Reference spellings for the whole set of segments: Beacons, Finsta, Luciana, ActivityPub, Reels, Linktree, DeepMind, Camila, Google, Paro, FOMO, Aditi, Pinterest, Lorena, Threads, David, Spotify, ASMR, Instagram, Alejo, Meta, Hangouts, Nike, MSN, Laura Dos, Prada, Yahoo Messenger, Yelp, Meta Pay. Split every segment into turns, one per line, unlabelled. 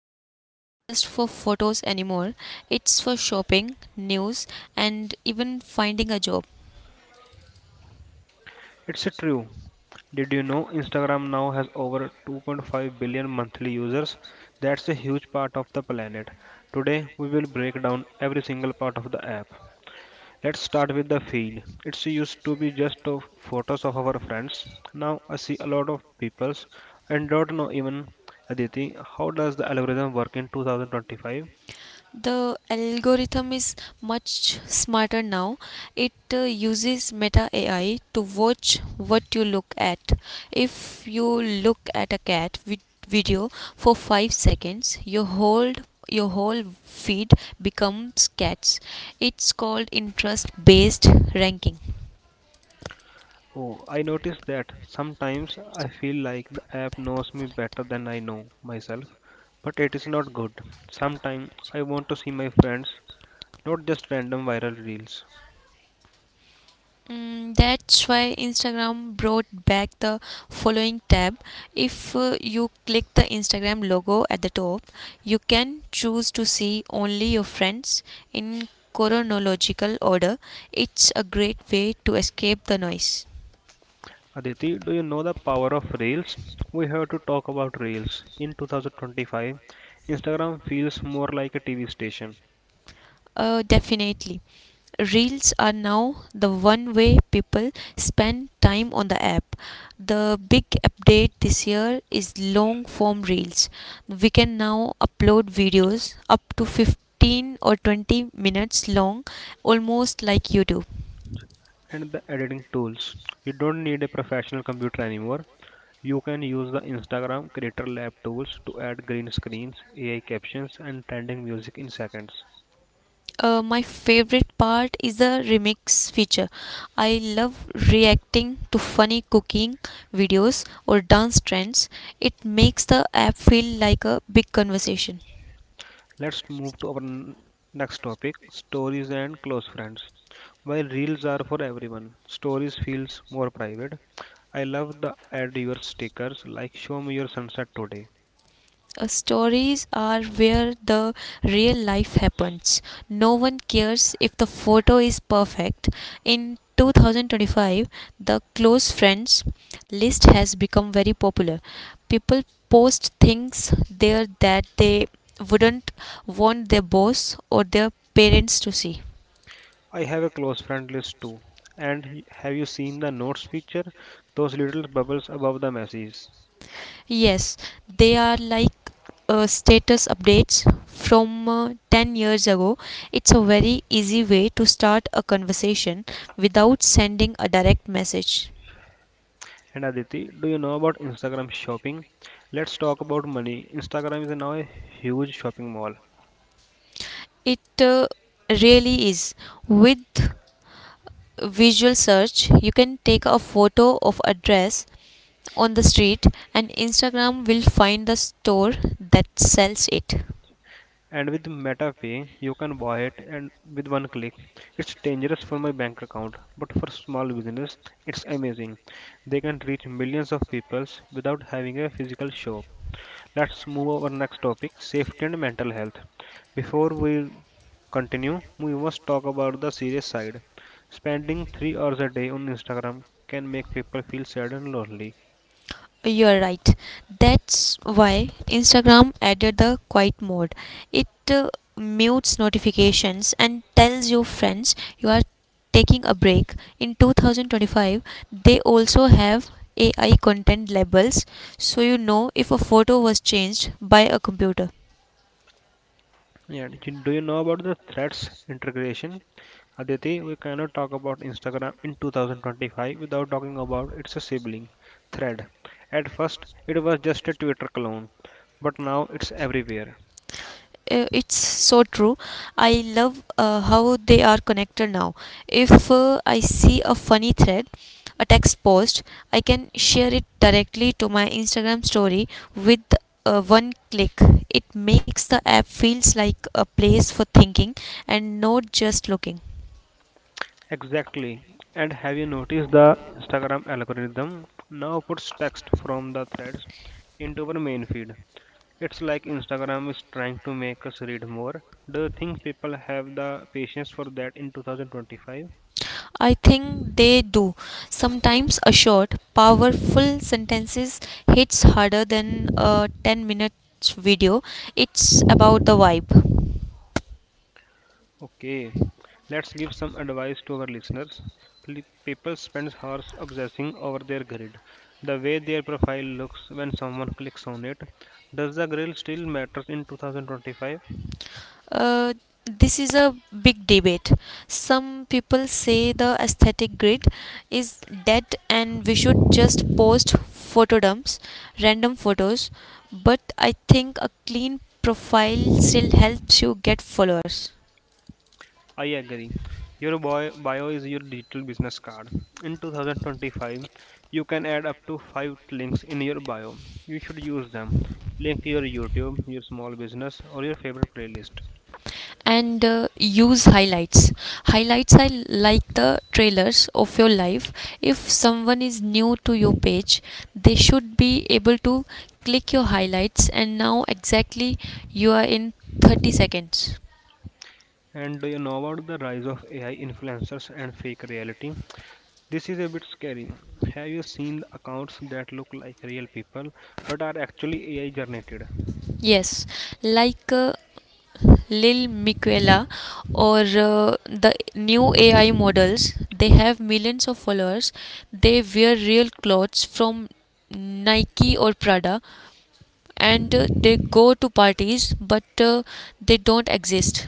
it's not just for photos anymore, it's for shopping, news, and even finding a job.
It's true. Did you know Instagram now has over 2.5 billion monthly users? That's a huge part of the planet. Today we will break down every single part of the app. Let's start with the feed. It used to be just of photos of our friends. Now I see a lot of people's and don't know even Aditi. How does the algorithm work in 2025?
The algorithm is much smarter now. It uses meta AI to watch what you look at. If you look at a video for 5 seconds, your whole feed becomes cats. It's called interest based ranking.
Oh, I noticed that sometimes I feel like the app knows me better than I know myself, but it is not good. Sometimes I want to see my friends, not just random viral reels.
Mm, that's why Instagram brought back the following tab. If you click the Instagram logo at the top, you can choose to see only your friends in chronological order. It's a great way to escape the noise.
Aditi, do you know the power of Reels? We have to talk about Reels. In 2025, Instagram feels more like a TV station
Definitely. Reels are now the one way people spend time on the app. The big update this year is long form reels. We can now upload videos up to 15 or 20 minutes long, almost like YouTube.
and the editing tools. You don't need a professional computer anymore. You can use the Instagram Creator Lab tools to add green screens, AI captions, and trending music in seconds.
My favorite part is the remix feature. I love reacting to funny cooking videos or dance trends. It makes the app feel like a big conversation.
Let's move to our next topic stories and close friends. While Reels are for everyone, stories feels more private. I love the add your stickers like show me your sunset today.
Stories are where the real life happens. No one cares if the photo is perfect. In 2025, the close friends list has become very popular. People post things there that they wouldn't want their boss or their parents to see.
I have a close friend list too. And have you seen the notes feature? Those little bubbles above the messages.
Yes, they are like status updates from 10 years ago. It's a very easy way to start a conversation without sending a direct message.
And Aditi, do you know about Instagram shopping? Let's talk about money. Instagram is now a huge shopping mall.
It really is. With visual search, you can take a photo of a dress on the street and Instagram will find the store that sells it.
And with Meta Pay, you can buy it and with one click. It's dangerous for my bank account, but for small business, it's amazing. They can reach millions of people without having a physical shop. Let's move our next topic safety and mental health. Before we continue, we must talk about the serious side. Spending 3 hours a day on Instagram can make people feel sad and lonely.
You're right. That's why Instagram added the quiet mode. It mutes notifications and tells your friends you are taking a break. In 2025, they also have AI content labels so you know if a photo was changed by a computer.
Yeah, do you know about the threats integration? Aditi, we cannot talk about Instagram in 2025 without talking about its sibling, Thread. At first, it was just a Twitter clone, but now it's everywhere.
It's so true. I love how they are connected now. If I see a funny thread, a text post, I can share it directly to my Instagram story with one click. It makes the app feels like a place for thinking and not just looking.
Exactly. And have you noticed the Instagram algorithm now puts text from the threads into our main feed? It's like Instagram is trying to make us read more. Do you think people have the patience for that in 2025?
I think they do. Sometimes a short, powerful sentences hits harder than a 10 minutes video. It's about the vibe.
Okay, let's give some advice to our listeners. People spend hours obsessing over their grid, the way their profile looks when someone clicks on it. Does the grill still matters in 2025?
uh, this is a big debate. Some people say the aesthetic grid is dead and we should just post photo dumps, random photos. But I think a clean profile still helps you get followers.
I agree. Your bio is your digital business card. In 2025, you can add up to 5 links in your bio. You should use them. Link your YouTube, your small business, or your favorite playlist.
And use highlights. Highlights are like the trailers of your life. If someone is new to your page, they should be able to click your highlights and now exactly you are in 30 seconds.
And do you know about the rise of AI influencers and fake reality? This is a bit scary. Have you seen accounts that look like real people but are actually AI generated?
Yes, like Lil Miquela or the new AI models. They have millions of followers. They wear real clothes from Nike or Prada, and they go to parties, but they don't exist.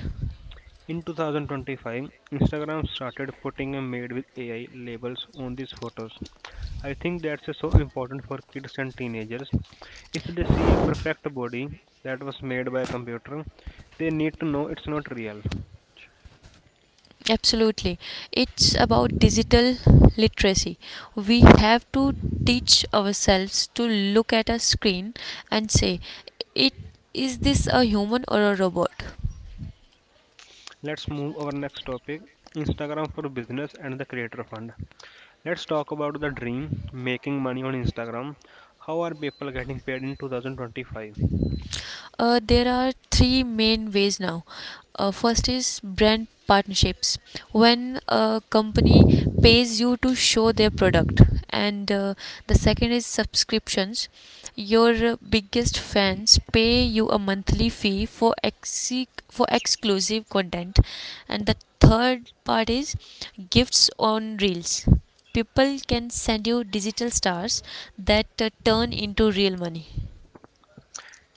In 2025, Instagram started putting a made with AI labels on these photos. I think that's so important for kids and teenagers. If they see a perfect body that was made by a computer, they need to know it's not real.
Absolutely. It's about digital literacy. We have to teach ourselves to look at a screen and say, it is this a human or a robot?
Let's move our next topic Instagram for business and the creator fund. Let's talk about the dream making money on Instagram. How are people getting paid in 2025?
There are three main ways now. First is brand partnerships, when a company pays you to show their product, and the second is subscriptions. Your biggest fans pay you a monthly fee for exclusive content, and the third part is gifts on reels. People can send you digital stars that turn into real money.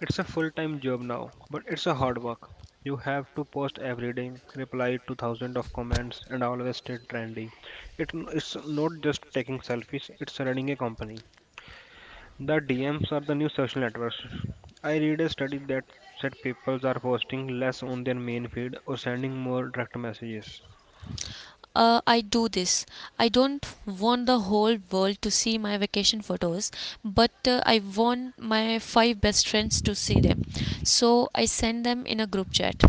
It's a full-time job now, but it's a hard work. You have to post every day, reply to thousands of comments, and always stay trendy. It's not just taking selfies, it's running a company. The DMs are the new social networks. I read a study that said people are posting less on their main feed or sending more direct messages.
I do this. I don't want the whole world to see my vacation photos, but I want my five best friends to see them. So I send them in a group chat.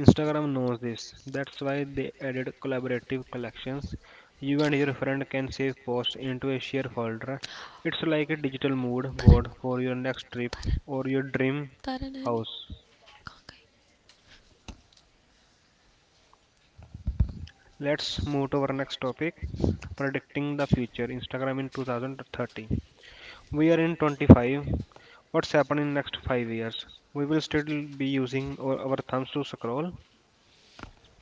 Instagram knows this. That's why they added collaborative collections. You and your friend can save posts into a shared folder. It's like a digital mood
Taran,
board for your next trip
Taran,
or your dream
Taran, Annie.
house. Let's move to our next topic predicting the future. Instagram in 2030. We are in 25. What's happening in next 5 years? We will still be using our thumbs to scroll.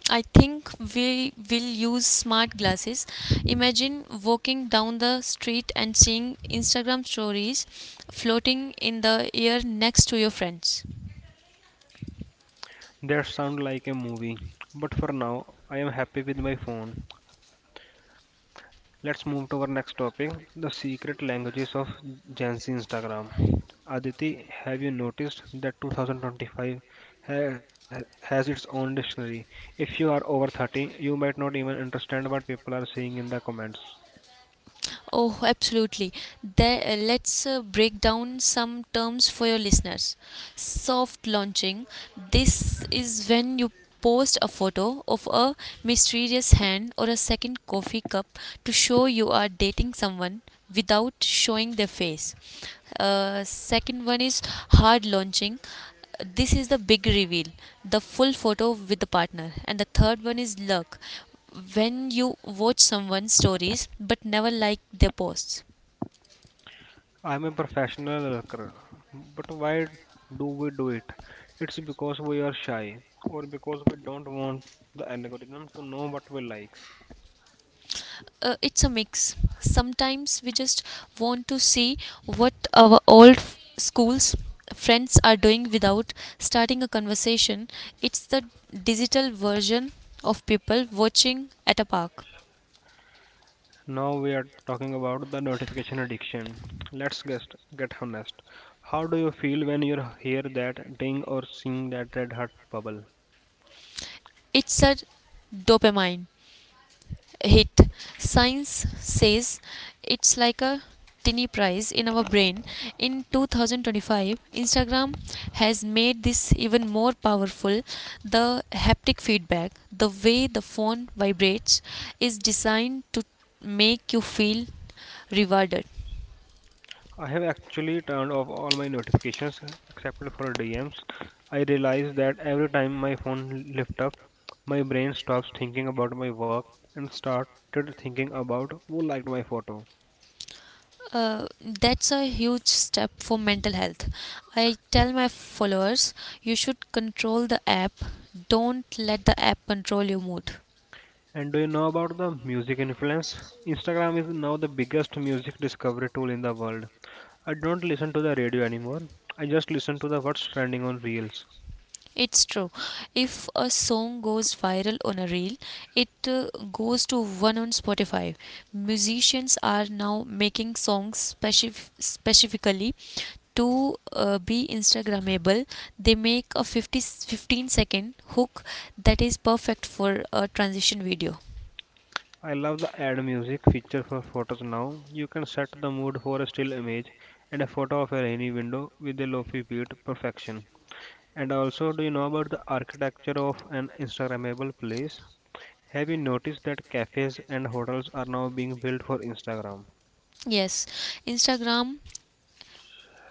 I think we will use smart glasses. Imagine walking down the street and seeing Instagram stories floating in the air next to your friends.
That sounds like a movie. But for now, I am happy with my phone. Let's move to our next topic the secret languages of Gen Z Instagram. Aditi, have you noticed that 2025 has its own dictionary? If you are over 30, you might not even understand what people are saying in the comments.
Oh, absolutely. Let's break down some terms for your listeners. Soft launching. This is when you post a photo of a mysterious hand or a second coffee cup to show you are dating someone without showing their face. Second one is hard launching. This is the big reveal, the full photo with the partner. And the third one is luck. When you watch someone's stories but never like their posts.
I'm a professional lurker, but why do we do it? It's because we are shy or because we don't want the algorithm to know what we like.
It's a mix. Sometimes we just want to see what our schools friends are doing without starting a conversation. It's the digital version of people watching at a park.
Now we are talking about the notification addiction. Let's get honest. How do you feel when you hear that ding or seeing that red heart bubble?
It's a dopamine hit. Science says it's like a tiny prize in our brain. In 2025, Instagram has made this even more powerful. The haptic feedback, the way the phone vibrates, is designed to make you feel rewarded.
I have actually turned off all my notifications except for DMs. I realize that every time my phone lifts up, my brain stops thinking about my work and started thinking about who liked my photo.
That's a huge step for mental health. I tell my followers, you should control the app, don't let the app control your mood.
And do you know about the music influence? Instagram is now the biggest music discovery tool in the world. I don't listen to the radio anymore. I just listen to the what's trending on Reels.
It's true. If a song goes viral on a reel, it goes to one on Spotify. Musicians are now making songs specifically to be Instagrammable. They make a 50 15 second hook that is perfect for a transition video.
I love the add music feature for photos now. You can set the mood for a still image and a photo of a rainy window with a lofi beat perfection. And also, do you know about the architecture of an Instagrammable place? Have you noticed that cafes and hotels are now being built for Instagram?
Yes, Instagram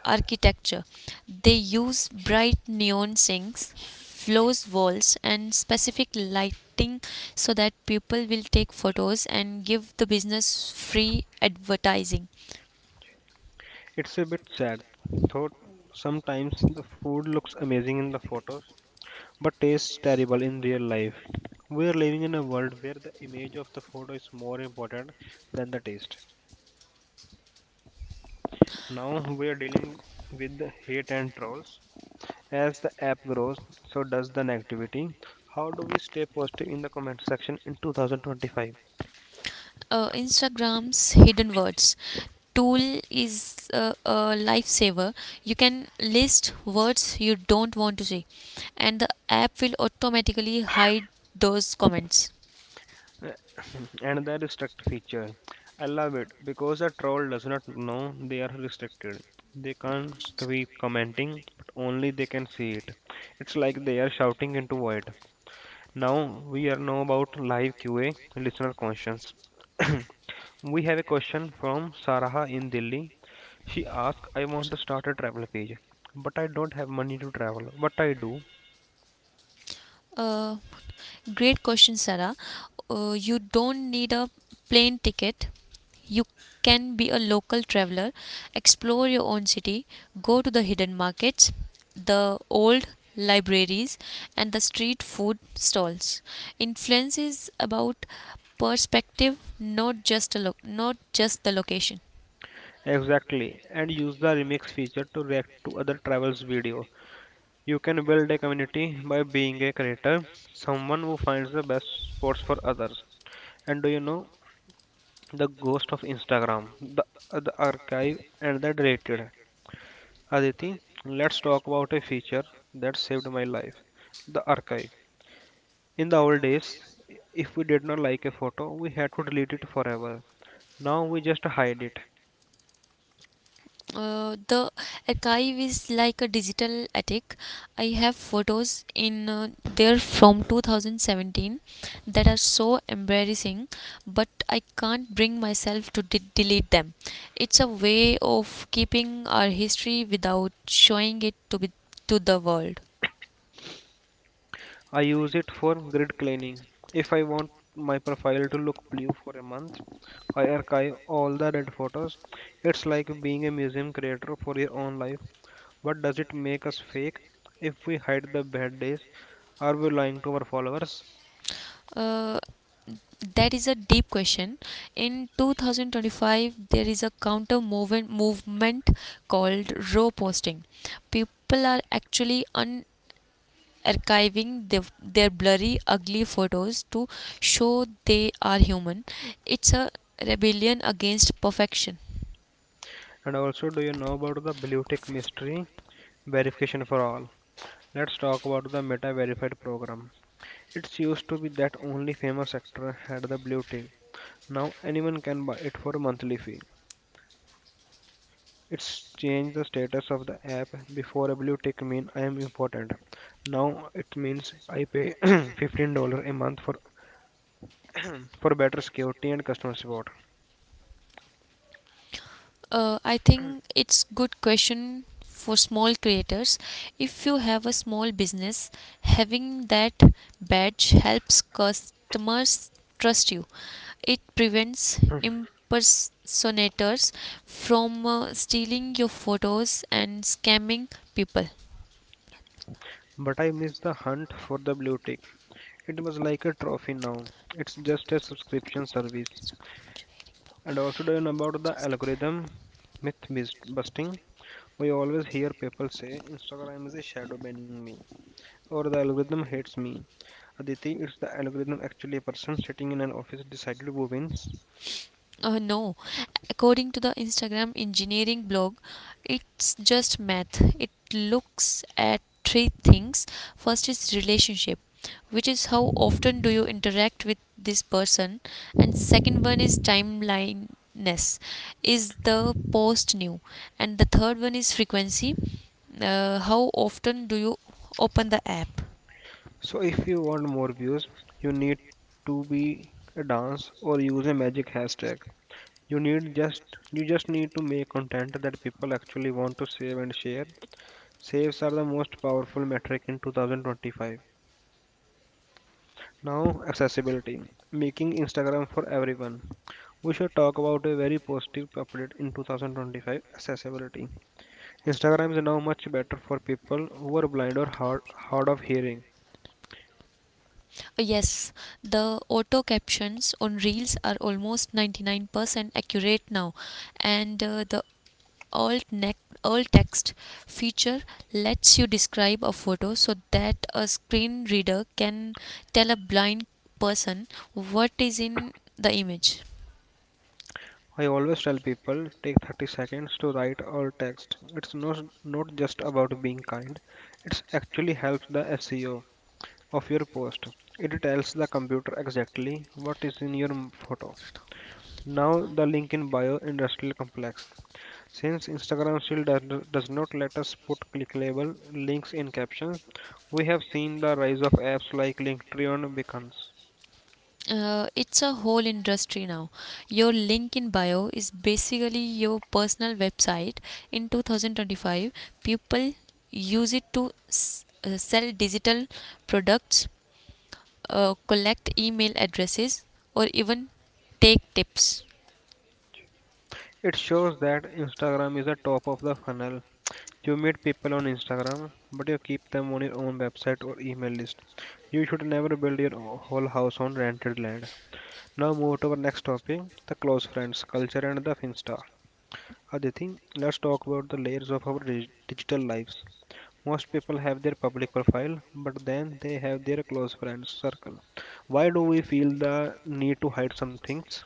architecture. They use bright neon sinks, flows walls, and specific lighting so that people will take photos and give the business free advertising.
It's a bit sad, though sometimes the food looks amazing in the photos but tastes terrible in real life. We are living in a world where the image of the photo is more important than the taste. Now we are dealing with the hate and trolls. As the app grows, so does the negativity. How do we stay positive in the comment section in 2025?
Instagram's hidden words tool is a lifesaver. You can list words you don't want to see, and the app will automatically hide those comments.
and the restrict feature. I love it because a troll does not know they are restricted. They can't be commenting, but only they can see it. It's like they are shouting into void. Now we are know about live QA listener questions. we have a question from Saraha in Delhi. She asked, I want to start a travel page, but I don't have money to travel. What I do
Uh, Great question, Sarah. You don't need a plane ticket. You can be a local traveler, explore your own city, go to the hidden markets, the old libraries, and the street food stalls. Influence is about perspective, not just the location.
exactly and use the remix feature to react to other travels video. You can build a community by being a creator, someone who finds the best spots for others. And do you know the ghost of Instagram, the archive and the deleted? Aditi, let's talk about a feature that saved my life the archive. In the old days, if we did not like a photo, we had to delete it forever. Now we just hide it.
The archive is like a digital attic. I have photos in there from 2017 that are so embarrassing, but I can't bring myself to delete them. It's a way of keeping our history without showing it to be to the world.
I use it for grid cleaning. If I want my profile to look blue for a month, I archive all the dead photos. It's like being a museum creator for your own life. But does it make us fake? If we hide the bad days, are we lying to our followers?
Uh, that is a deep question. In 2025, there is a counter movement called row posting. People are actually archiving their blurry, ugly photos to show they are human. It's a rebellion against perfection.
And also, do you
I
know
think it-
about the blue
good
tick
for small.
mystery? Verification for all. Let's talk about the Meta Verified program. It used to be that only famous actor had the blue tick. Now anyone can buy it for a monthly fee. It's changed the status of the app. Before a blue tick mean I am important. Now it means I pay $15 a month for for better security and customer support.
I think it's good question for small creators. If you have a small business, having that badge helps customers trust you. It prevents impersonators from stealing your photos and scamming people.
But I miss the hunt for the blue tick. It was like a trophy now. It's just a subscription
Also.
service. And also, do you know about the algorithm busting? We always hear people say Instagram is a shadow banning me or the algorithm hates me. Aditi, it's the algorithm actually a person sitting in an office decided who wins.
No, according to the Instagram engineering blog, it's just math. It looks at three things. First is relationship, which is how often do you interact with this person, and second one is timelineness, is the post new, and the third one is frequency, how often do you open the app.
So, if you want more views, you need to be a dance or use a magic hashtag. You need just you just need to make content that people actually want to save and share. Saves are the most powerful metric in 2025. Now, accessibility, making Instagram for everyone. We should talk about a very positive update in 2025 accessibility. Instagram is now much better for people who are blind or hard of hearing.
Yes, the auto captions on reels are almost 99% accurate now, and the alt neck alt text feature lets you describe a photo so that a screen reader can tell a blind person what is in the image.
I always tell people take 30 seconds to write or text. It's not just about being kind, it actually helps the SEO of your post. It tells the computer exactly what is in your photo. Now, the link in bio industrial complex. Since Instagram still does not let us put clickable links in captions, we have seen the rise of apps like Linktree and Beacons.
It's a whole industry now. Your LinkedIn bio is basically your personal website. In 2025, people use it to sell digital products, collect email addresses, or even take tips.
It shows that Instagram is the top of the funnel. You meet people on Instagram, but you keep them on your own website or email list. You should never build your whole house on rented land. Now move to our next topic, the close friends, culture and the Finsta. Aditi, let's talk about the layers of our digital lives. Most people have their public profile, but then they have their close friends circle. Why do we feel the need to hide some things?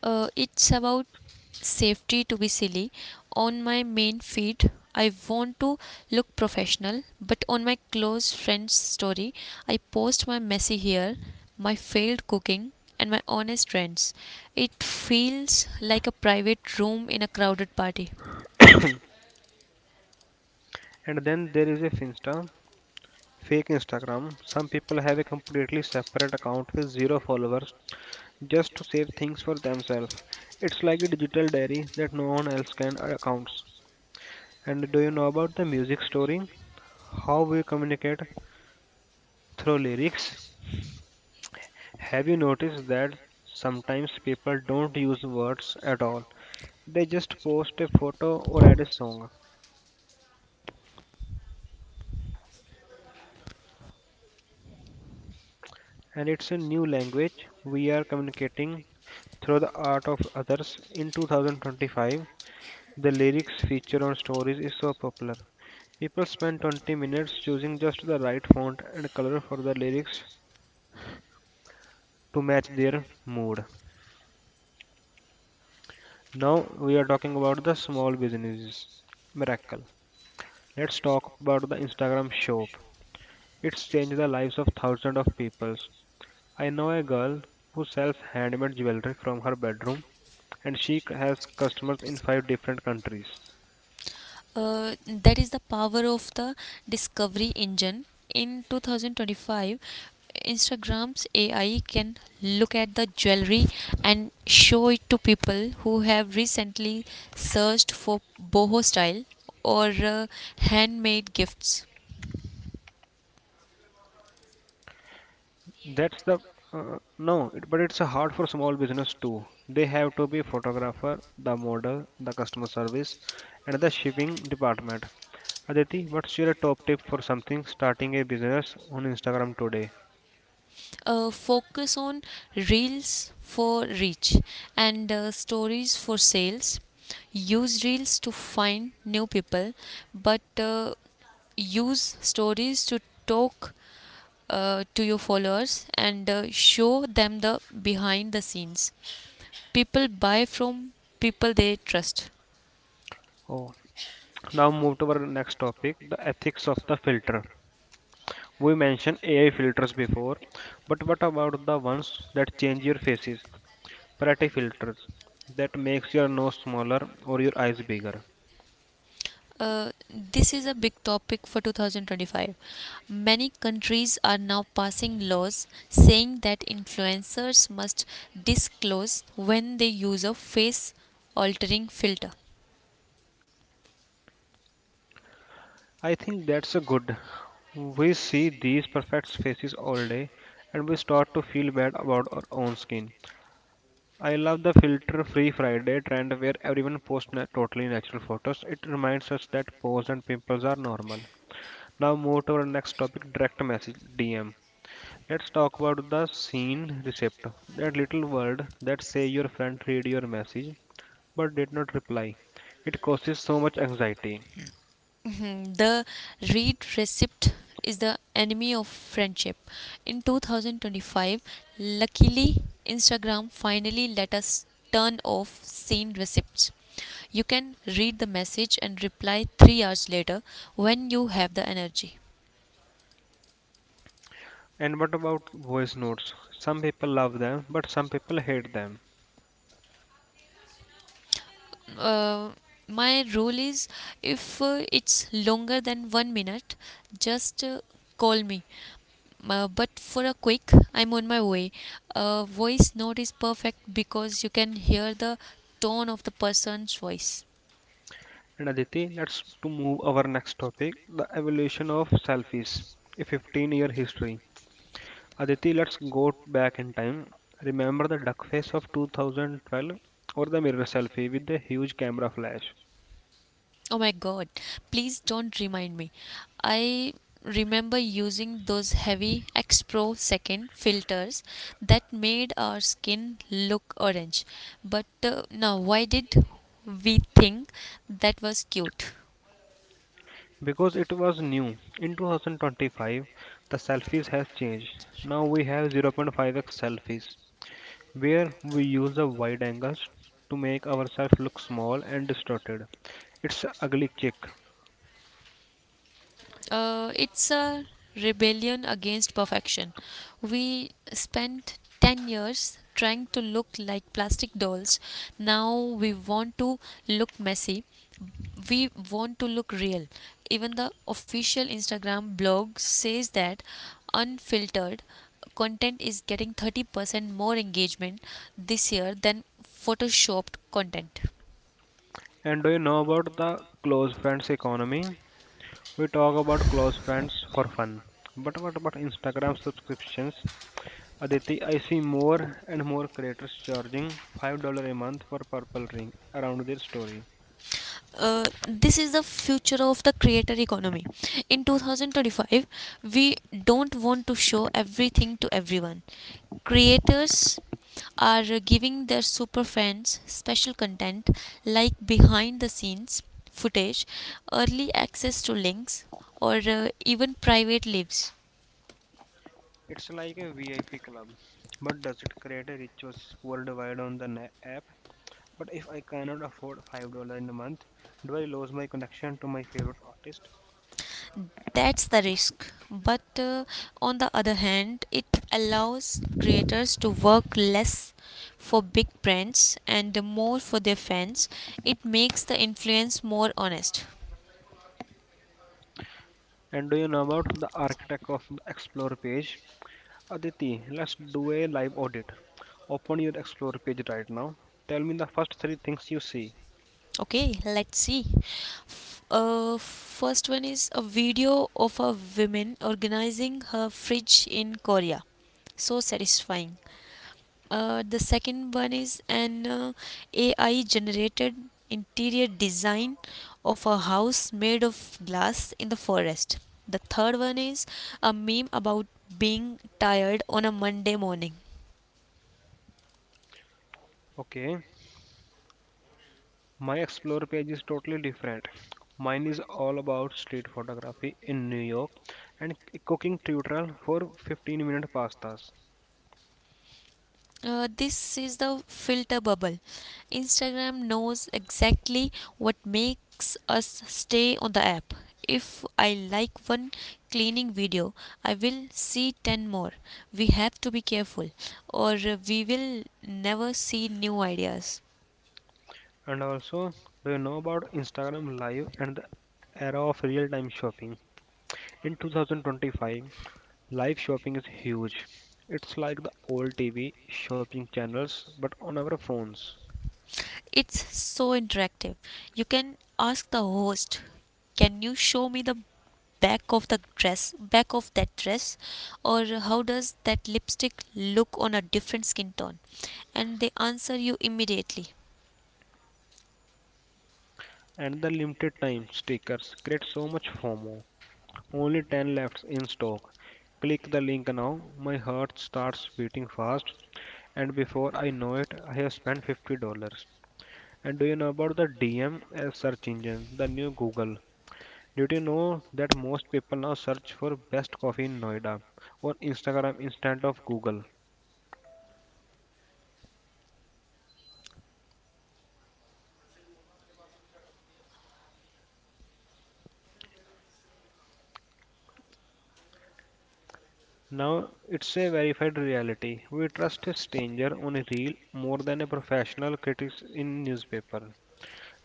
It's about safety to be silly. On my main feed, I want to look professional, but on my close friend's story, I post my messy hair, my failed cooking, and my honest rants. It feels like a private room in a crowded party.
And then there is a Finsta, fake Instagram. Some people have a completely separate account with zero followers just to save things for themselves. It's like a digital diary that no one else can accounts. And do you know about the music story? How we communicate through lyrics? Have you noticed that sometimes people don't use words at all? They just post a photo or add a song. And it's a new language. We are communicating through the art of others. In 2025, the lyrics feature on stories is so popular. People spend 20 minutes choosing just the right font and color for the lyrics to match their mood. Now we are talking about the small businesses. Miracle. Let's talk about the Instagram shop. It's changed the lives of thousands of people. I know a girl who sells handmade jewelry from her bedroom and has customers in five different countries.
That is the power of the discovery engine. In 2025, Instagram's AI can look at the jewelry and show it to people who have recently searched for boho style or handmade gifts.
That's the no, it, but it's hard for small business too. They have to be photographer, the model, the customer service, and the shipping department. Aditi, what's your top tip for something starting a business on Instagram today?
Focus on reels for reach and stories for sales. Use reels to find new people, but use stories to talk to your followers and show them the behind the scenes. People buy from people they trust.
Oh, now move to our next topic, the ethics of the filter. We mentioned AI filters before, but what about the ones that change your faces? Parati filters that makes your nose smaller or your eyes bigger.
This is a big topic for 2025. Many countries are now passing laws saying that influencers must disclose when they use a face altering filter.
I think that's a good. We see these perfect faces all day and we start to feel bad about our own skin. I love the filter free Friday trend where everyone posts totally natural photos. It reminds us that pores and pimples are normal. Now move to our next topic direct message DM. Let's talk about the scene recept. That little word that say your friend read your message but did not reply. It causes so much anxiety.
Mhm. The read receipt is the enemy of friendship. In 2025, luckily, Instagram finally let us turn off seen receipts. You can read the message and reply 3 hours later when you have the energy.
And what about voice notes? Some people love them, but some people hate them.
uh, my rule is, if it's longer than 1 minute, just call me. But for a quick, I'm on my way, a voice note is perfect because you can hear the tone of the person's voice.
And Aditi, let's to move our next topic, the evolution of selfies, a 15-year history. Aditi, let's go back in time. Remember the duck face of 2012 or the mirror selfie with the huge camera flash?
Oh my god, please don't remind me. I remember using those heavy X Pro second filters that made our skin look orange. But now, why did we think that was cute?
Because it was new. In 2025, the selfies has changed. Now we have 0.5x selfies where we use the wide angles to make ourselves look small and distorted. It's a ugly kick.
It's a rebellion against perfection. We spent 10 years trying to look like plastic dolls. Now we want to look messy, we want to look real. Even the official Instagram blog says that unfiltered content is getting 30% more engagement this year than photoshopped content.
And do you know about the close friends economy? We talk about close friends for fun. But what about Instagram subscriptions? Aditi, I see more and more creators charging $5 a month for purple ring around their story.
This is the future of the creator economy. In 2025, we don't want to show everything to everyone. Creators are giving their super fans special content like behind the scenes footage, early access to links, or even private lives.
It's like a VIP club. But does it create a rich versus poor divide on the app? But if I cannot afford $5 in a month, do I lose my connection to my favorite artist?
That's the risk, but on the other hand, it allows creators to work less for big brands and more for their fans. It makes the influence more honest.
And do you know about the architect of the Explore page? Aditi, let's do a live audit. Open your Explore page right now. Tell me the first three things you see.
Okay, let's see. First one is a video of a woman organizing her fridge in Korea. So satisfying. The second one is an AI generated interior design of a house made of glass in the forest. The third one is a meme about being tired on a Monday morning.
Okay, my Explore page is totally different. Mine is all about street photography in New York and a cooking tutorial for 15-minute pastas.
This is the filter bubble. Instagram knows exactly what makes us stay on the app. If I like one cleaning video, I will see 10 more. We have to be careful, or we will never see new ideas.
And also, do you know about Instagram Live and the era of real time shopping? In 2025, live shopping is huge. It's like the old TV shopping channels but on our phones.
It's so interactive. You can ask the host, "Can you show me the back of the dress, back of that dress?" or "How does that lipstick look on a different skin tone?" And they answer you immediately.
And the limited time stickers create so much FOMO. Only 10 left in stock. Click the link now. My heart starts beating fast and before I know it, I have spent $50. And do you know about the DM as search engine, the new Google? Did you know that most people now search for best coffee in Noida on Instagram instead of Google? Now it's a verified reality. We trust a stranger on a reel more than a professional critic in newspaper.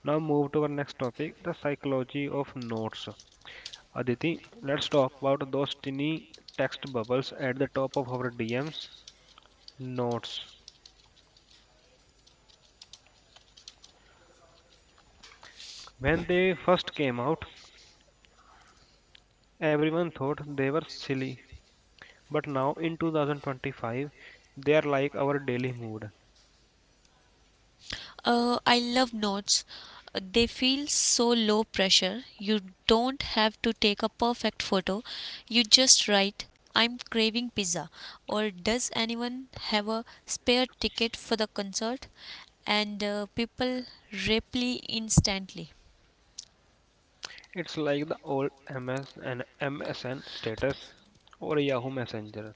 Now move to our next topic, the psychology of notes. Aditi, let's talk about those tiny text bubbles at the top of our DMs. Notes. When they first came out, everyone thought they were silly, but now in 2025, they are like our daily mood.
I love notes. They feel so low pressure. You don't have to take a perfect photo. You just write, "I'm craving pizza," or "Does anyone have a spare ticket for the concert?" And people reply instantly.
It's like the old MS and MSN status or Yahoo Messenger.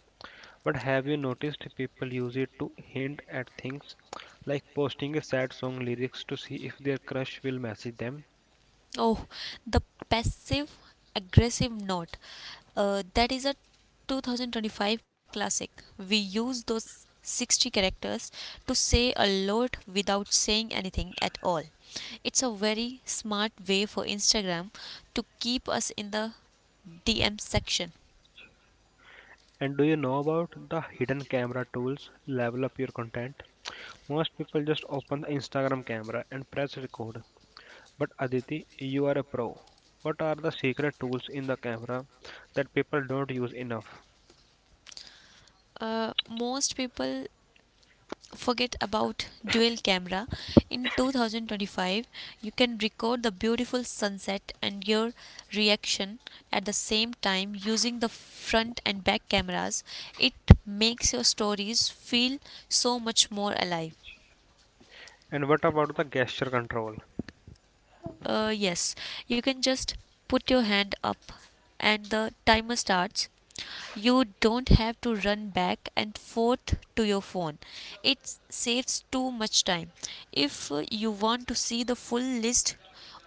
But have you noticed people use it to hint at things like posting a sad song lyrics to see if their crush will message them?
Oh, the passive aggressive note. That is a 2025 classic. We use those 60 characters to say a lot without saying anything at all. It's a very smart way for Instagram to keep us in the DM section.
And do you know about the hidden camera tools level up your content? Most people just open the Instagram camera and press record. But Aditi, you are a pro. What are the secret tools in the camera that people don't use enough?
Most people forget about dual camera. In 2025, you can record the beautiful sunset and your reaction at the same time using the front and back cameras. It makes your stories feel so much more alive.
And what about the gesture control?
Yes, you can just put your hand up and the timer starts. You don't have to run back and forth to your phone. It saves too much time. If you want to see the full list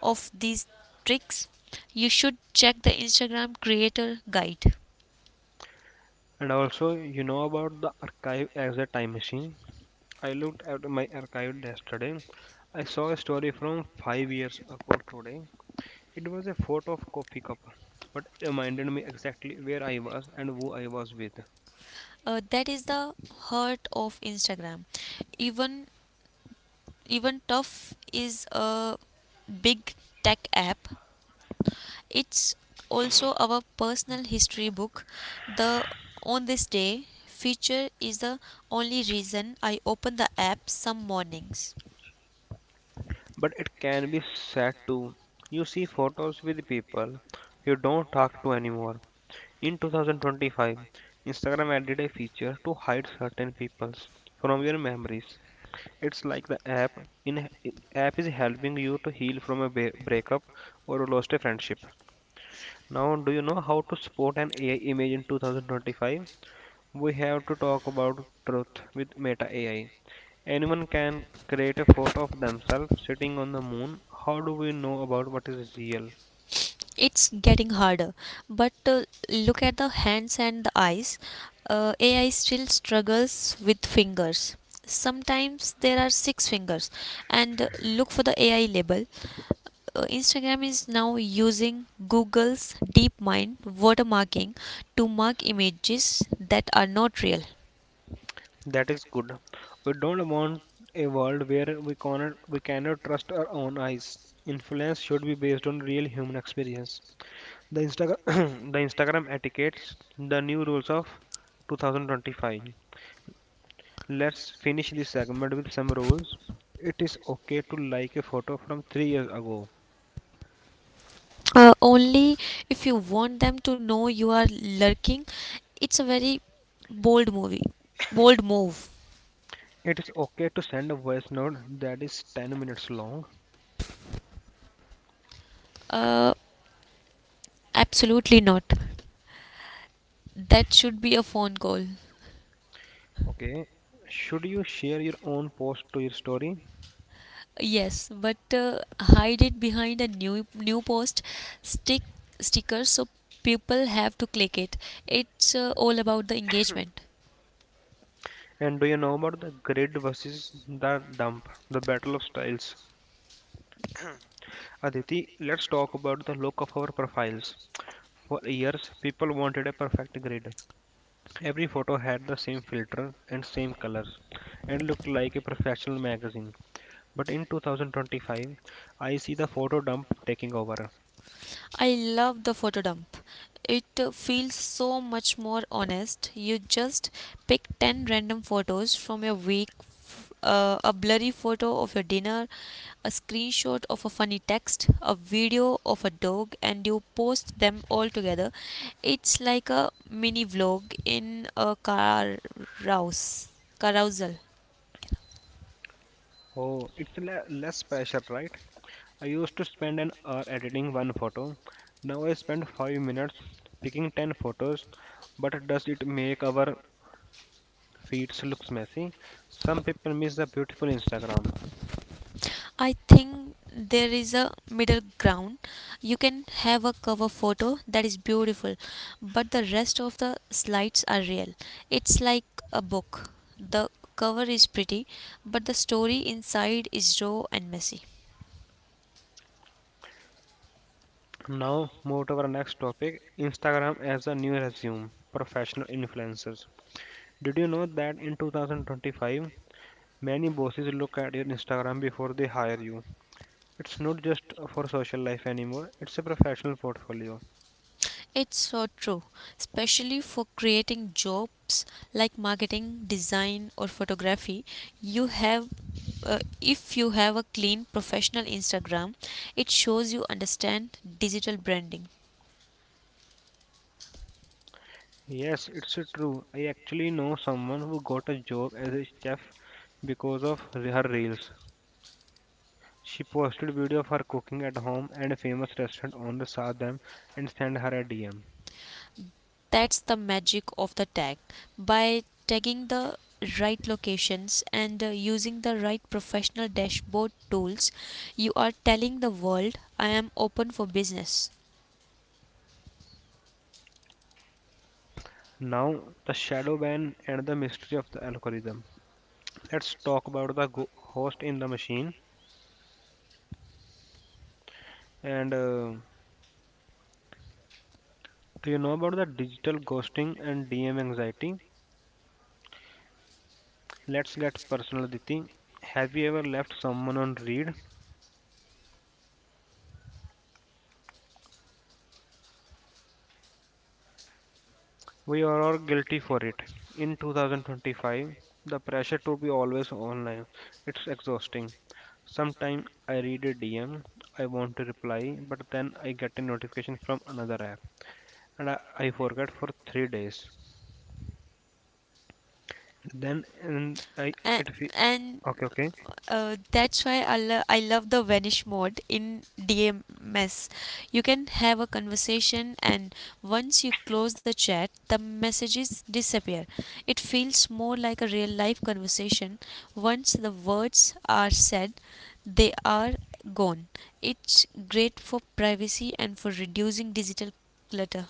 of these tricks, you should check the Instagram creator guide.
And also, you know about the archive as a time machine. I looked at my archive yesterday. I saw a story from 5 years ago today. It was a photo of coffee cup, but it reminded me exactly where I was and who I was with.
That is the heart of Instagram. Even even tough is a big tech app. It's also our personal history book. The on this day feature is the only reason I open the app some mornings.
But it can be sad too. You see photos with people you don't talk to anymore. In 2025, Instagram added a feature to hide certain peoples from your memories. It's like the app in app is helping you to heal from a breakup or lost a friendship. Now do you know how to spot an AI image in 2025? We have to talk about truth with meta AI. Anyone can create a photo of themselves sitting on the moon. How do we know about what is real?
It's getting harder, but look at the hands and the eyes. AI still struggles with fingers. Sometimes there are six fingers. And look for the AI label. Instagram is now using Google's DeepMind watermarking to mark images that are not real.
That is good. We don't want a world where we cannot trust our own eyes. Influence should be based on real human experience. The Instagram, the Instagram etiquettes, the new rules of 2025. Let's finish this segment with some rules. It is okay to like a photo from 3 years ago.
Only if you want them to know you are lurking. It's a very bold movie bold move.
It is okay to send a voice note that is 10 minutes long.
uh, Absolutely not. That should be a phone call.
Okay. Should you share your own post to your story?
Yes, but hide it behind a new post stick sticker so people have to click it. It's all about the engagement.
And do you know about the grid versus the dump, the battle of styles? Aditi, let's talk about the look of our profiles. For years, people wanted a perfect grid. Every photo had the same filter and same colors and looked like a professional magazine. But in 2025, I see the photo dump taking over.
I love the photo dump. It feels so much more honest. You just pick 10 random photos from your week, a blurry photo of your dinner, a screenshot of a funny text, a video of a dog, and you post them all together. It's like a mini vlog in a rouse, carousel.
Oh, it's less pressure, right? I used to spend an hour editing one photo. Now I spend 5 minutes picking 10 photos. But does it make our feeds look messy? Some people miss the beautiful Instagram.
I think there is a middle ground. You can have a cover photo that is beautiful, but the rest of the slides are real. It's like a book. The cover is pretty, but the story inside is raw and messy.
Now, move to our next topic Instagram as a new resume, professional influencers. Did you know that in 2025, many bosses look at your Instagram before they hire you? It's not just for social life anymore, it's a professional portfolio.
It's so true, especially for creating jobs like marketing, design, or photography. You have if you have a clean professional Instagram, it shows you understand digital branding.
Yes, it's true. I actually know someone who got a job as a chef because of her reels. She posted video of her cooking at home and a famous restaurant on the saw them and sent her a DM.
That's the magic of the tag. By tagging the right locations and using the right professional dashboard tools, you are telling the world, "I am open for business."
Now, the shadow ban and the mystery of the algorithm. Let's talk about the host in the machine and do you know about the digital ghosting and DM anxiety? Let's get personal, Diti. Have you ever left someone on read? We are all guilty for it. In 2025, the pressure to be always online, it's exhausting. Sometimes I read a DM, I want to reply, but then I get a notification from another app, and I forget for 3 days. Then and I
and,
it fe-
and
okay okay
That's why I love the vanish mode in DMS. You can have a conversation, and once you close the chat, the messages disappear. It feels more like a real life conversation. Once the words are said, they are gone. It's great for privacy and for reducing digital clutter.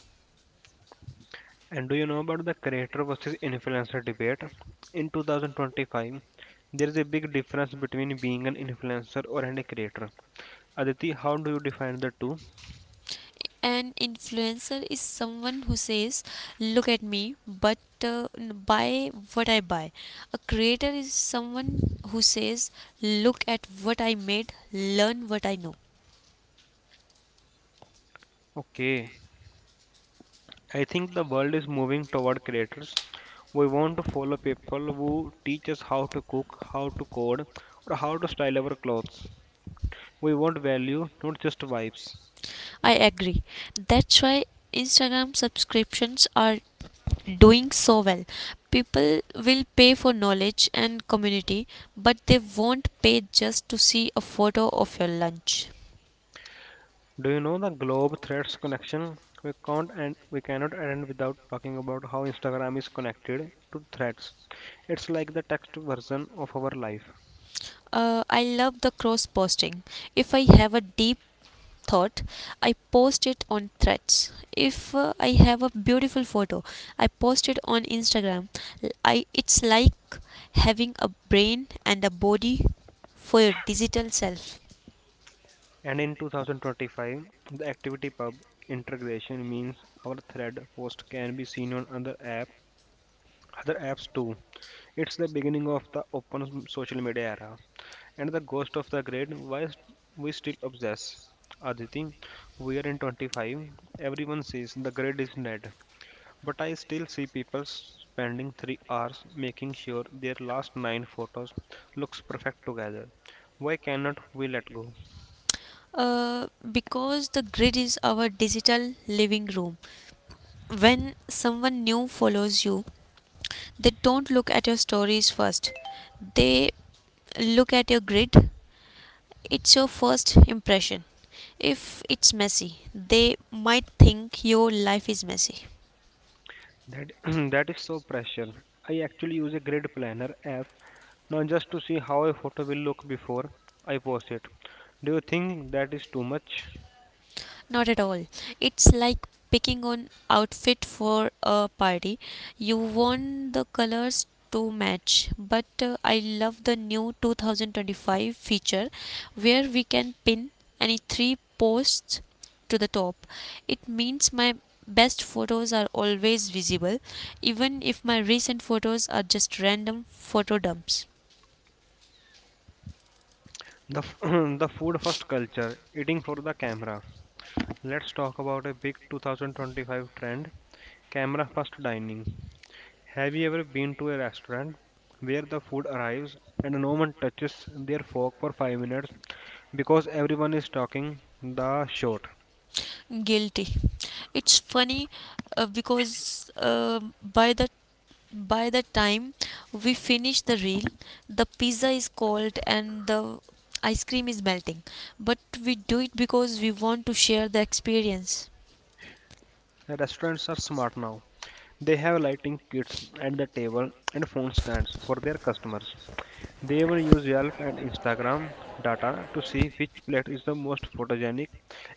And do you know about the creator versus influencer debate? In 2025, there is a big difference between being an influencer or and a creator. Aditi, how do you define the two?
An influencer is someone who says, "Look at me, but buy what I buy." A creator is someone who says, "Look at what I made, learn what I know."
Okay, I think the world is moving toward creators. We want to follow people who teach us how to cook, how to code, or how to style our clothes. We want value, not just vibes.
I agree. That's why Instagram subscriptions are doing so well. People will pay for knowledge and community, but they won't pay just to see a photo of your lunch.
Do you know the globe threads connection? We can't and we cannot end without talking about how Instagram is connected to threads. It's like the text version of our life.
I love the cross posting. If I have a deep thought, I post it on threads. If I have a beautiful photo, I post it on Instagram. L- I It's like having a brain and a body for your digital self.
And in 2025, the Activity Pub integration means our thread post can be seen on other app, other apps too. It's the beginning of the open social media era. And the ghost of the grid, why we still obsess. Aditi, we are in 25. Everyone says the grid is dead, but I still see people spending 3 hours making sure their last nine photos looks perfect together. Why cannot we let go?
Because the grid is our digital living room. When someone new follows you, they don't look at your stories first. They look at your grid. It's your first impression. If it's messy, they might think your life is messy.
That that is so pressure. I actually use a grid planner app now just to see how a photo will look before I post it. Do you think that is too much?
Not at all. It's like picking an outfit for a party. You want the colors to match, but I love the new 2025 feature where we can pin any three posts to the top. It means my best photos are always visible, even if my recent photos are just random photo dumps.
The f- the food first culture, eating for the camera. Let's talk about a big 2025 trend, camera first dining. Have you ever been to a restaurant where the food arrives and no one touches their fork for 5 minutes because everyone is talking the shot?
Guilty. It's funny because by the time we finish the reel, the pizza is cold and the ice cream is melting, but we do it because we want to share the experience.
Restaurants are smart now. They have lighting kits at the table and phone stands for their customers. They even use Yelp and Instagram data to see which plate is the most photogenic.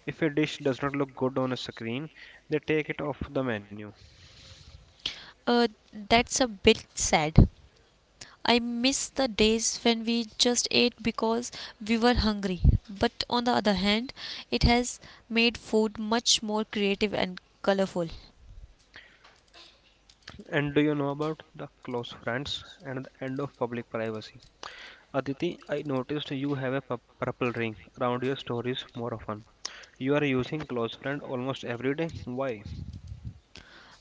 If a dish does not look good on a screen, they take it off the menu.
Uh, that's a bit sad. I miss the days when we just ate because we were hungry, but on the other hand, it has made food much more creative and colorful.
And do you know about the close friends and the end of public privacy? Aditi, I noticed you have a purple ring around your stories more often. You are using close friend almost every day. Why?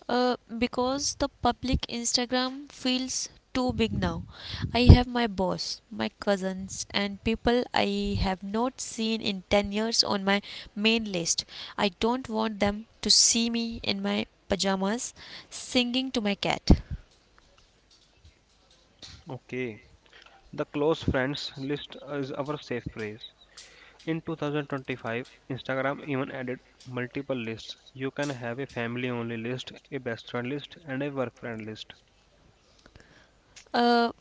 Because the public Instagram feels too big now. I have my boss, my cousins, and people I have not seen in 10 years on my main list. I don't want them to see me in my pajamas singing to my cat.
Okay. The close friends list is our safe phrase. In 2025, Instagram even added multiple lists. You can have a family only list, a best friend list, and a work friend list.
uh,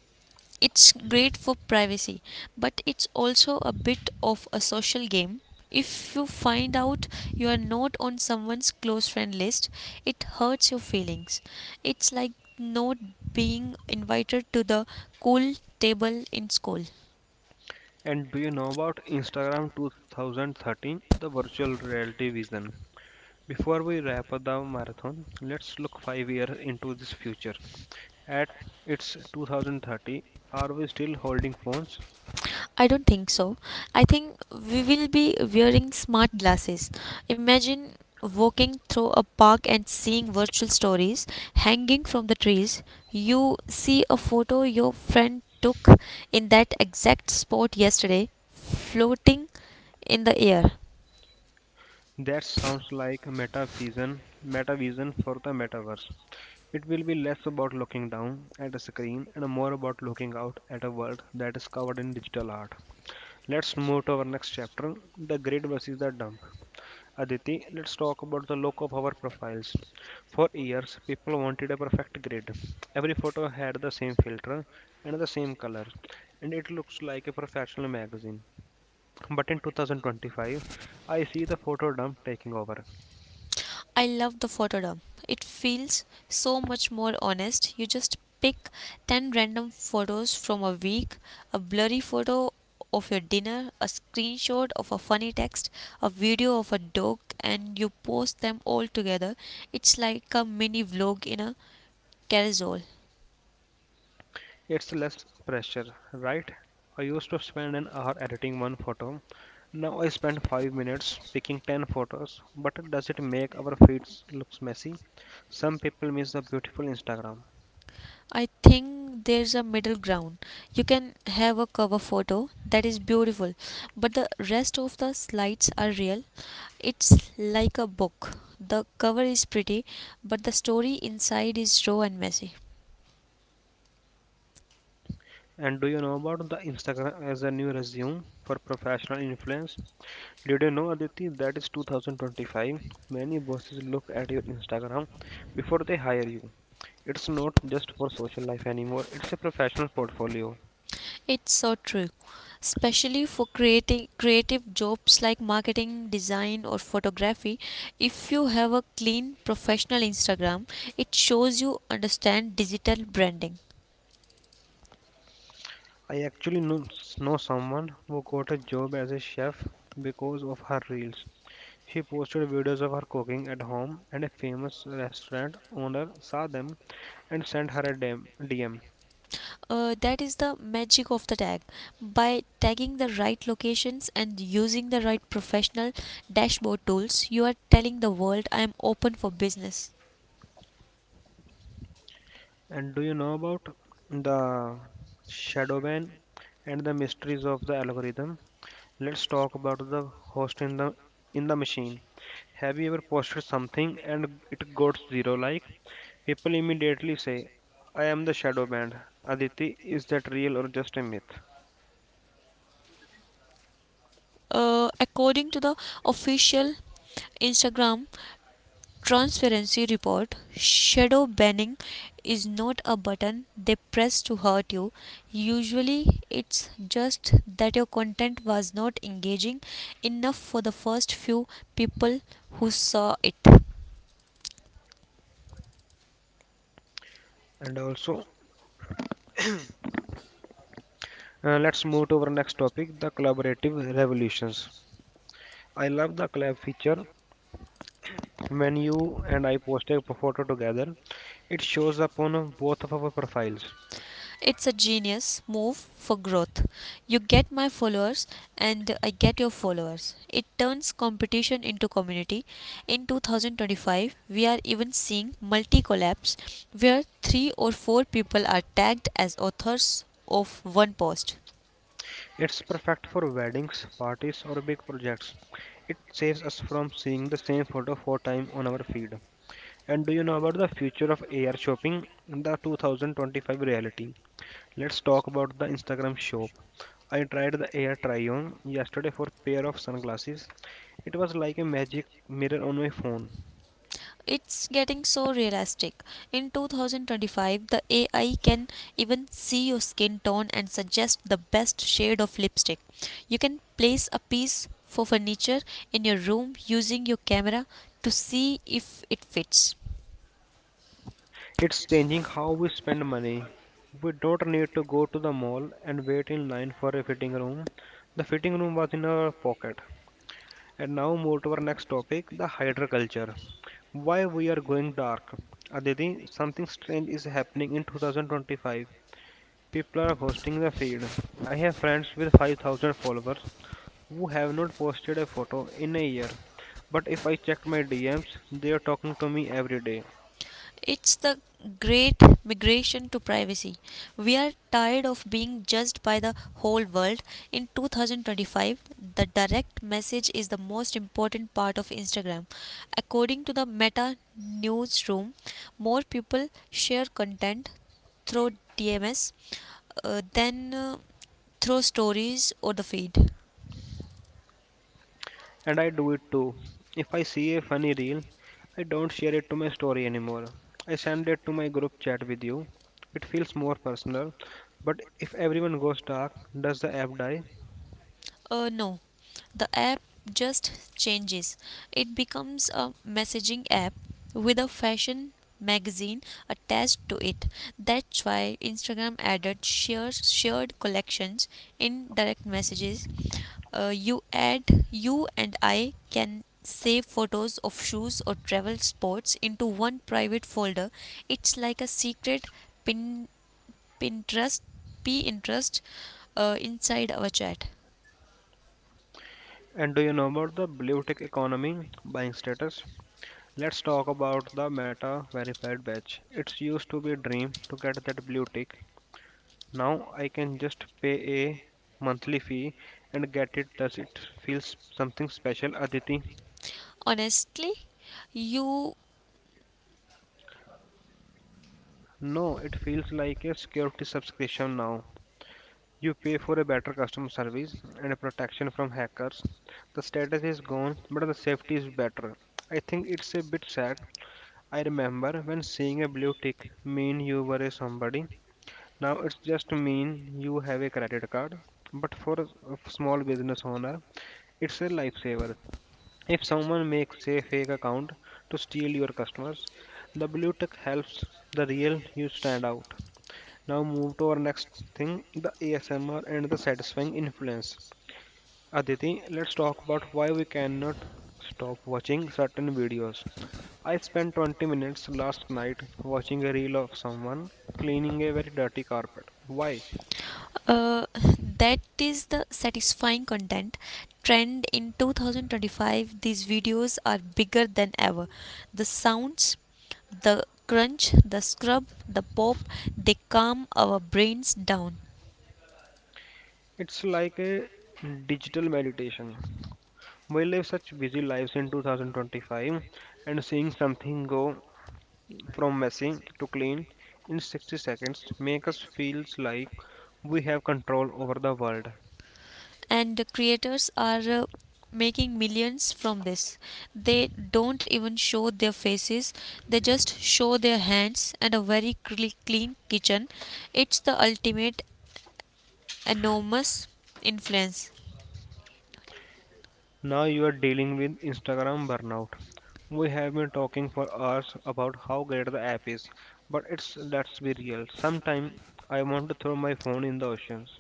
it's great for privacy, but it's also a bit of a social game. If you find out you are not on someone's close friend list, it hurts your feelings. It's like not being invited to the cool table in school.
And do you know about Instagram 2013, the virtual reality vision? Before we wrap up the marathon, let's look 5 years into this future. At its 2030, are we still holding phones?
I don't think so. I think we will be wearing smart glasses. Imagine walking through a park and seeing virtual stories hanging from the trees. You see a photo your friend took in that exact spot yesterday floating in the air.
That sounds like metavision, metavision for the metaverse. It will be less about looking down at a screen and more about looking out at a world that is covered in digital art. Let's move to our next chapter, the grid versus the dump. Aditi, let's talk about the look of our profiles. For years, people wanted a perfect grid. Every photo had the same filter and the same color, and it looks like a professional magazine. But in 2025, I see the photo dump taking over.
I love the photodump. It feels so much more honest. You just pick 10 random photos from a week, a blurry photo of your dinner, a screenshot of a funny text, a video of a dog, and you post them all together. It's like a mini vlog in a carousel.
It's less pressure, right? I used to spend an hour editing one photo. Now I spend 5 minutes picking 10 photos. But does it make our feeds looks messy? Some people miss the beautiful Instagram.
I think there's a middle ground. You can have a cover photo that is beautiful, but the rest of the slides are real. It's like a book. The cover is pretty, but the story inside is raw and messy.
And do you know about the Instagram as a new resume for professional influence? Did you know, Aditi, that is 2025? Many bosses look at your Instagram before they hire you. It's not just for social life anymore, it's a professional portfolio.
It's so true, especially for creating creative jobs like marketing, design or photography. If you have a clean professional Instagram, it shows you understand digital branding.
I actually know someone who got a job as a chef because of her reels. She posted videos of her cooking at home, and a famous restaurant owner saw them and sent her a DM. DM.
That is the magic of the tag. By tagging the right locations and using the right professional dashboard tools, you are telling the world, "I am open for business."
And do you know about the shadow ban and the mysteries of the algorithm? Let's talk about the host in the machine. Have you ever posted something and it got zero like? People immediately say, I am the shadow band. Aditi, is that real or just a myth?
According to the official Instagram transparency report, shadow banning is not a button they press to hurt you. Usually, it's just that your content was not engaging enough for the first few people who saw it.
And also, let's move to our next topic, the collaborative revolutions. I love the collab feature. When you and I post a photo together, it shows up on both of our profiles.
It's a genius move for growth. You get my followers and I get your followers. It turns competition into community. In 2025, we are even seeing multi collabs where three or four people are tagged as authors of one post.
It's perfect for weddings, parties, or big projects. It saves us from seeing the same photo four times on our feed. And do you know about the future of AR shopping? The 2025 reality. Let's talk about the Instagram shop. I tried the Air Try on yesterday for a pair of sunglasses. It was like a magic mirror on my phone.
It's getting so realistic. In 2025, the AI can even see your skin tone and suggest the best shade of lipstick. You can place a piece for furniture in your room using your camera to see if it fits.
It's changing how we spend money. We don't need to go to the mall and wait in line for a fitting room. The fitting room was in our pocket. And now move to our next topic, the hydra culture. Why we are going dark? Aditi, something strange is happening in 2025. People are hosting the feed. I have friends with 5,000 followers who have not posted a photo in a year. But if I check my DMs, they are talking to me every day.
It's the great migration to privacy. We are tired of being judged by the whole world. In 2025, the direct message is the most important part of Instagram. According to the Meta newsroom, more people share content through DMS than through stories or the feed.
And I do it too. If I see a funny reel, I don't share it to my story anymore. I send it to my group chat with you. It feels more personal. But if everyone goes dark, does the app die?
No, the app just changes. It becomes a messaging app with a fashion magazine attached to it. That's why Instagram added shared collections in direct messages. Uh, you add you and I can save photos of shoes or travel spots into one private folder. It's like a secret pin Pinterest Pinterest inside our chat.
And do you know about the blue tick economy, buying status? Let's talk about the Meta verified badge. It used to be a dream to get that blue tick. Now I can just pay a monthly fee and get it. Does it feel something special, Aditi?
Honestly, you
No, it feels like a security subscription now. You pay for a better customer service and a protection from hackers. The status is gone, but the safety is better. I think it's a bit sad. I remember when seeing a blue tick mean you were a somebody. Now it's just mean you have a credit card. But for a small business owner, it's a lifesaver. If someone makes a fake account to steal your customers, the blue tick helps the real you stand out. Now move to our next thing, the ASMR and the satisfying influence. Aditi, let's talk about why we cannot stop watching certain videos. I spent 20 minutes last night watching a reel of someone cleaning a very dirty carpet. Why?
uh, that is the satisfying content trend in 2025. These videos are bigger than ever. The sounds, the crunch, the scrub, the pop, they calm our brains down.
It's like a digital meditation. We live such busy lives in 2025, and seeing something go from messy to clean in 60 seconds make us feels like we have control over the world.
And the creators are making millions from this. They don't even show their faces. They just show their hands and a very clean kitchen. It's the ultimate enormous influence.
Now you are dealing with Instagram burnout. We have been talking for hours about how great the app is, but it's, let's be real. Sometime I want to throw my phone in the oceans.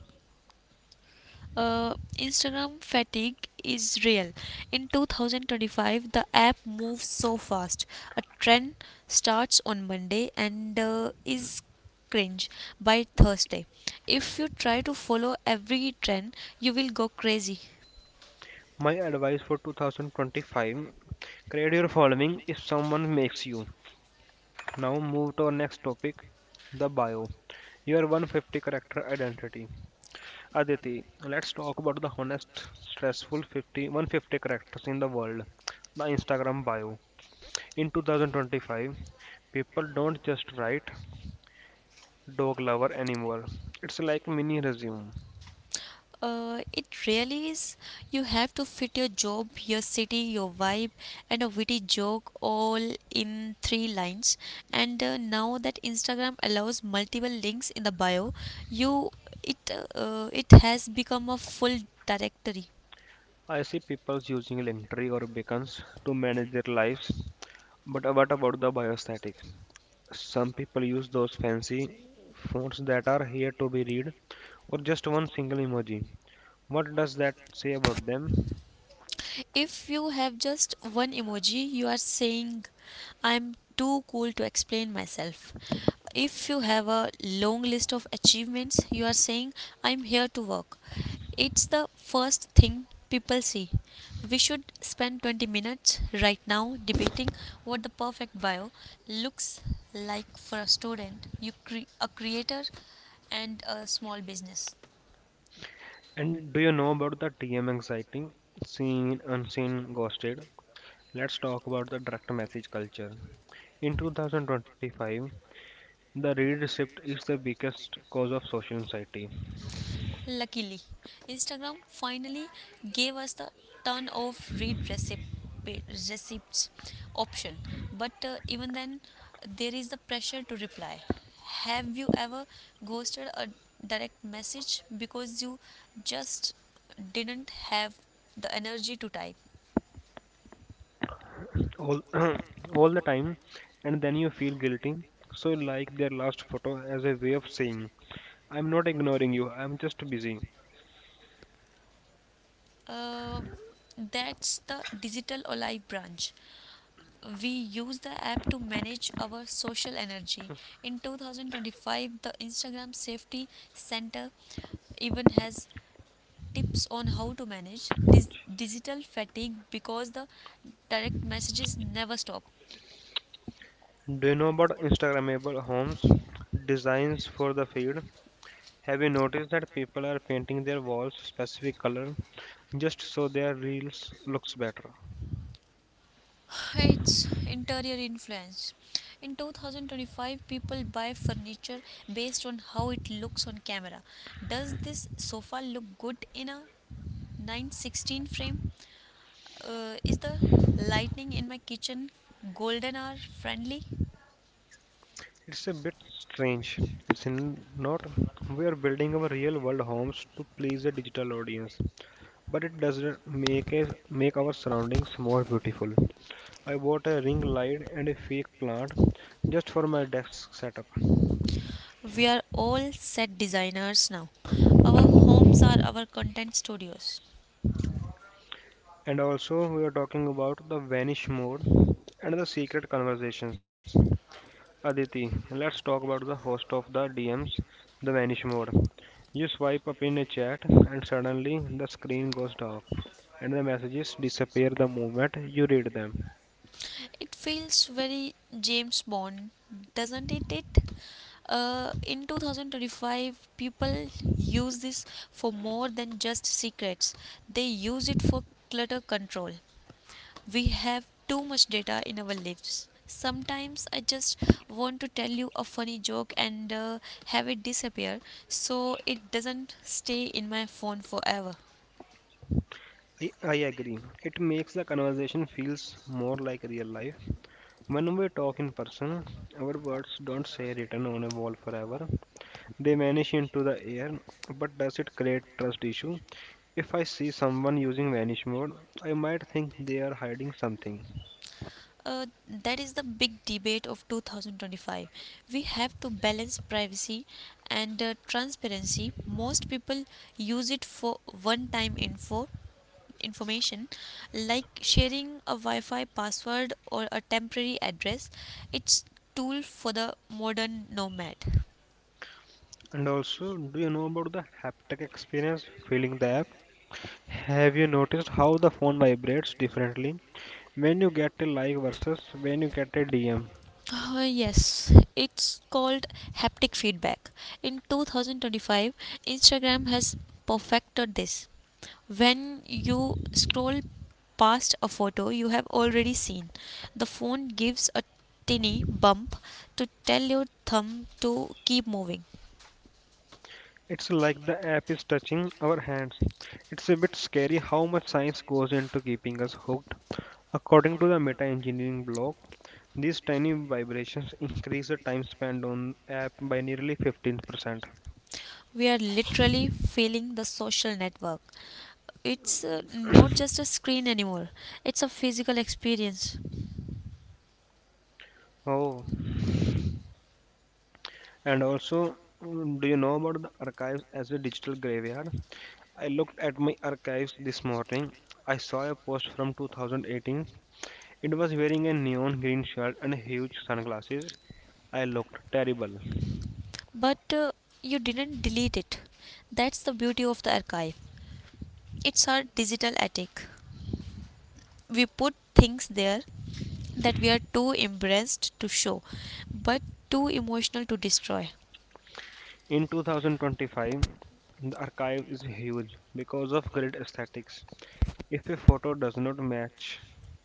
Uh, Instagram fatigue is real. In 2025, the app moves so fast. A trend starts on Monday and is cringe by Thursday. If you try to follow every trend, you will go crazy.
My advice for 2025, create your following if someone makes you. Now move to our next topic, the bio. Your 150 character identity. Aditi, let's talk about the honest, stressful 50, 150 characters in the world. The Instagram bio. In 2025, people don't just write dog lover anymore. It's like mini resume.
It really is. You have to fit your job, your city, your vibe, and a witty joke all in three lines. And now that Instagram allows multiple links in the bio, you it it has become a full directory.
I see people using Linktree or Beacons to manage their lives. But what about the biostatic? Some people use those fancy fonts that are here to be read or just one single emoji. What does that say about them?
If you have just one emoji, you are saying, "I'm too cool to explain myself." If you have a long list of achievements, you are saying, "I'm here to work." It's the first thing people see. We should spend 20 minutes right now debating what the perfect bio looks like for a student, a creator, and a small business.
And do you know about the TM anxiety? Seen, unseen, ghosted. Let's talk about the direct message culture. In 2025, the read receipt is the biggest cause of social anxiety
Luckily, Instagram finally gave us the turn off receipts option. But even then, there is the pressure to reply. Have you ever ghosted a direct message because you just didn't have the energy to type?
all, all the time, and then you feel guilty. So, you like their last photo as a way of saying, I'm not ignoring you, I'm just busy.
Um that's the digital olive branch. We use the app to manage our social energy. In 2025, the Instagram Safety Center even has tips on how to manage digital fatigue because the direct messages never stop.
Do you know about Instagrammable homes? Designs for the feed. Have you noticed that people are painting their walls specific color just so their reels looks better?
It's interior influence. In 2025, people buy furniture based on how it looks on camera. Does this sofa look good in a 916 frame? Is the lighting in my kitchen golden hour friendly?
It's a bit strange. It's in not we are building our real world homes to please a digital audience, but it doesn't make a, make our surroundings more beautiful. I bought a ring light and a fake plant just for my desk setup.
We are all set designers now. Our homes are our content studios.
And also we are talking about the vanish mode and the secret conversations. Aditi, let's talk about the host of the DMs, the Vanish Mode. You swipe up in a chat, and suddenly the screen goes dark, and the messages disappear the moment you read them.
It feels very James Bond, doesn't it? In 2025, people use this for more than just secrets. They use it for clutter control. We have too much data in our lives. Sometimes I just want to tell you a funny joke and have it disappear so it doesn't stay in my phone forever.
I agree. It makes the conversation feels more like real life. When we talk in person, our words don't stay written on a wall forever. They vanish into the air. But does it create trust issue? If I see someone using vanish mode, I might think they are hiding something.
That is the big debate of 2025. We have to balance privacy and transparency. Most people use it for one time information, like sharing a wi-fi password or a temporary address. It's tool for the modern nomad.
And also, do you know about the haptic experience, feeling the app? Have you noticed how the phone vibrates differently when you get a like versus when you get a DM?
Yes, it's called haptic feedback. In 2025, Instagram has perfected this. When you scroll past a photo you have already seen, the phone gives a tiny bump to tell your thumb to keep moving.
It's like the app is touching our hands. It's a bit scary how much science goes into keeping us hooked. According to the meta engineering blog, these tiny vibrations increase the time spent on app by nearly 15%.
We are literally feeling the social network. It's not just a screen anymore, it's a physical experience.
Oh, and also, mm, do you know about the archives as a digital graveyard? I looked at my archives this morning. I saw a post from 2018. It was wearing a neon green shirt and huge sunglasses. I looked terrible.
But you didn't delete it. That's the beauty of the archive. It's our digital attic. We put things there that we are too embarrassed to show, but too emotional to destroy.
In 2025, the archive is huge because of grid aesthetics. If a photo does not match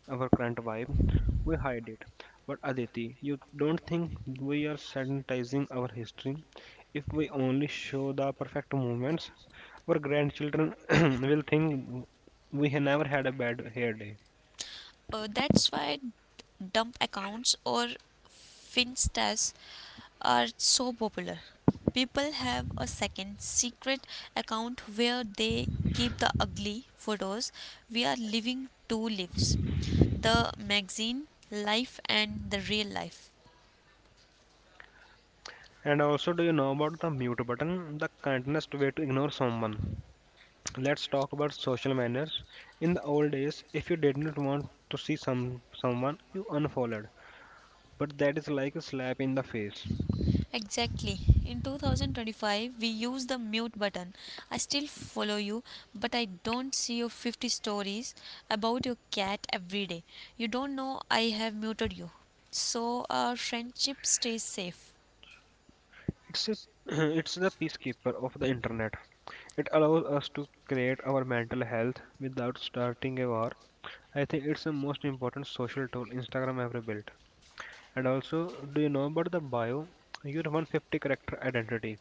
our current vibe, we hide it. But Aditi, you don't think we are sanitizing our history? If we only show the perfect moments, our grandchildren will think we have never had a bad hair day.
That's why dump accounts or finstas are so popular. People have a second secret account where they keep the ugly photos. We are living two lives, the magazine life and the real life.
And also, do you know about the mute button, the kindest way to ignore someone? Let's talk about social manners. In the old days, if you did not want to see someone, you unfollowed. But that is like a slap in the face.
Exactly. In 2025, we use the mute button. I still follow you, but I don't see your 50 stories about your cat every day. You don't know I have muted you. So our friendship stays safe.
It's a, it's the peacekeeper of the internet. It allows us to create our mental health without starting a war. I think it's the most important social tool Instagram ever built. And also, do you know about the bio? Your 150 character identity.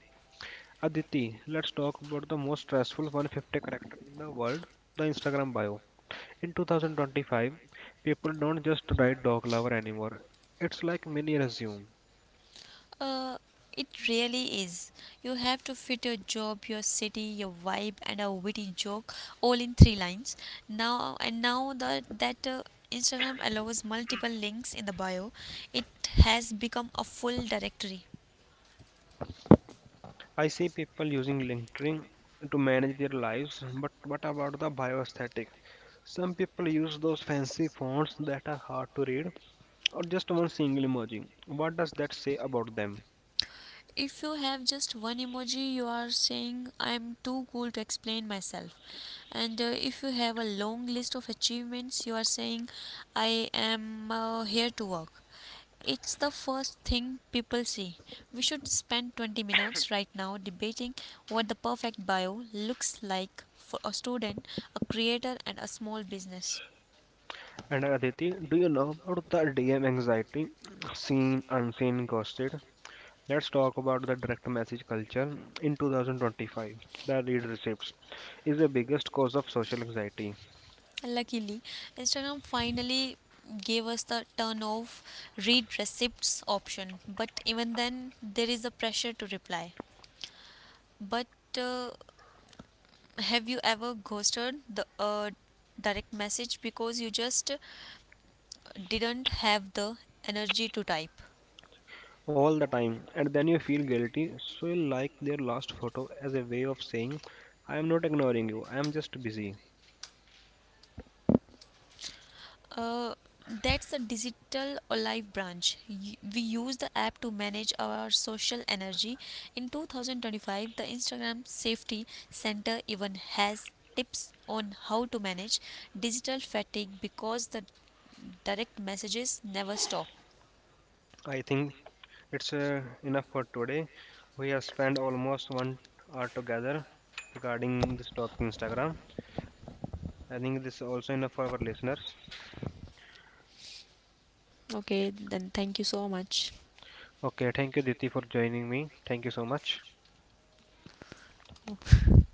Aditi, let's talk about the most stressful 150 character in the world, the Instagram bio. In 2025, people don't just write dog lover anymore. It's like mini resume.
Uh, it really is. You have to fit your job, your city, your vibe, and a witty joke all in three lines. Now that Instagram allows multiple links in the bio, it has become a full directory.
I see people using LinkedIn to manage their lives, but what about the bio aesthetic? Some people use those fancy fonts that are hard to read or just one single emoji. What does that say about them?
If you have just one emoji, you are saying, "I'm too cool to explain myself." And if you have a long list of achievements, you are saying, "I am here to work." It's the first thing people see. We should spend 20 minutes right now debating what the perfect bio looks like for a student, a creator, and a small business.
And Aditi, do you know about the DM anxiety, seen unseen ghosted? Let's talk about the direct message culture in 2025. The read receipts is the biggest cause of social anxiety
Luckily, Instagram finally gave us the turn off read receipts option, but even then, there is a pressure to reply. But uh, have you ever ghosted the direct message because you just didn't have the energy to type?
all the time, and then you feel guilty, so you like their last photo as a way of saying, I am not ignoring you, I am just busy.
Uh, that's a digital olive branch. We use the app to manage our social energy. In 2025, the Instagram Safety Center even has tips on how to manage digital fatigue because the direct messages never stop.
I think it's enough for today. We have spent almost 1 hour together regarding this topic Instagram. I think this is also enough for our listeners.
Okay, then thank you so much.
Okay, thank you, Diti, for joining me. Thank you so much.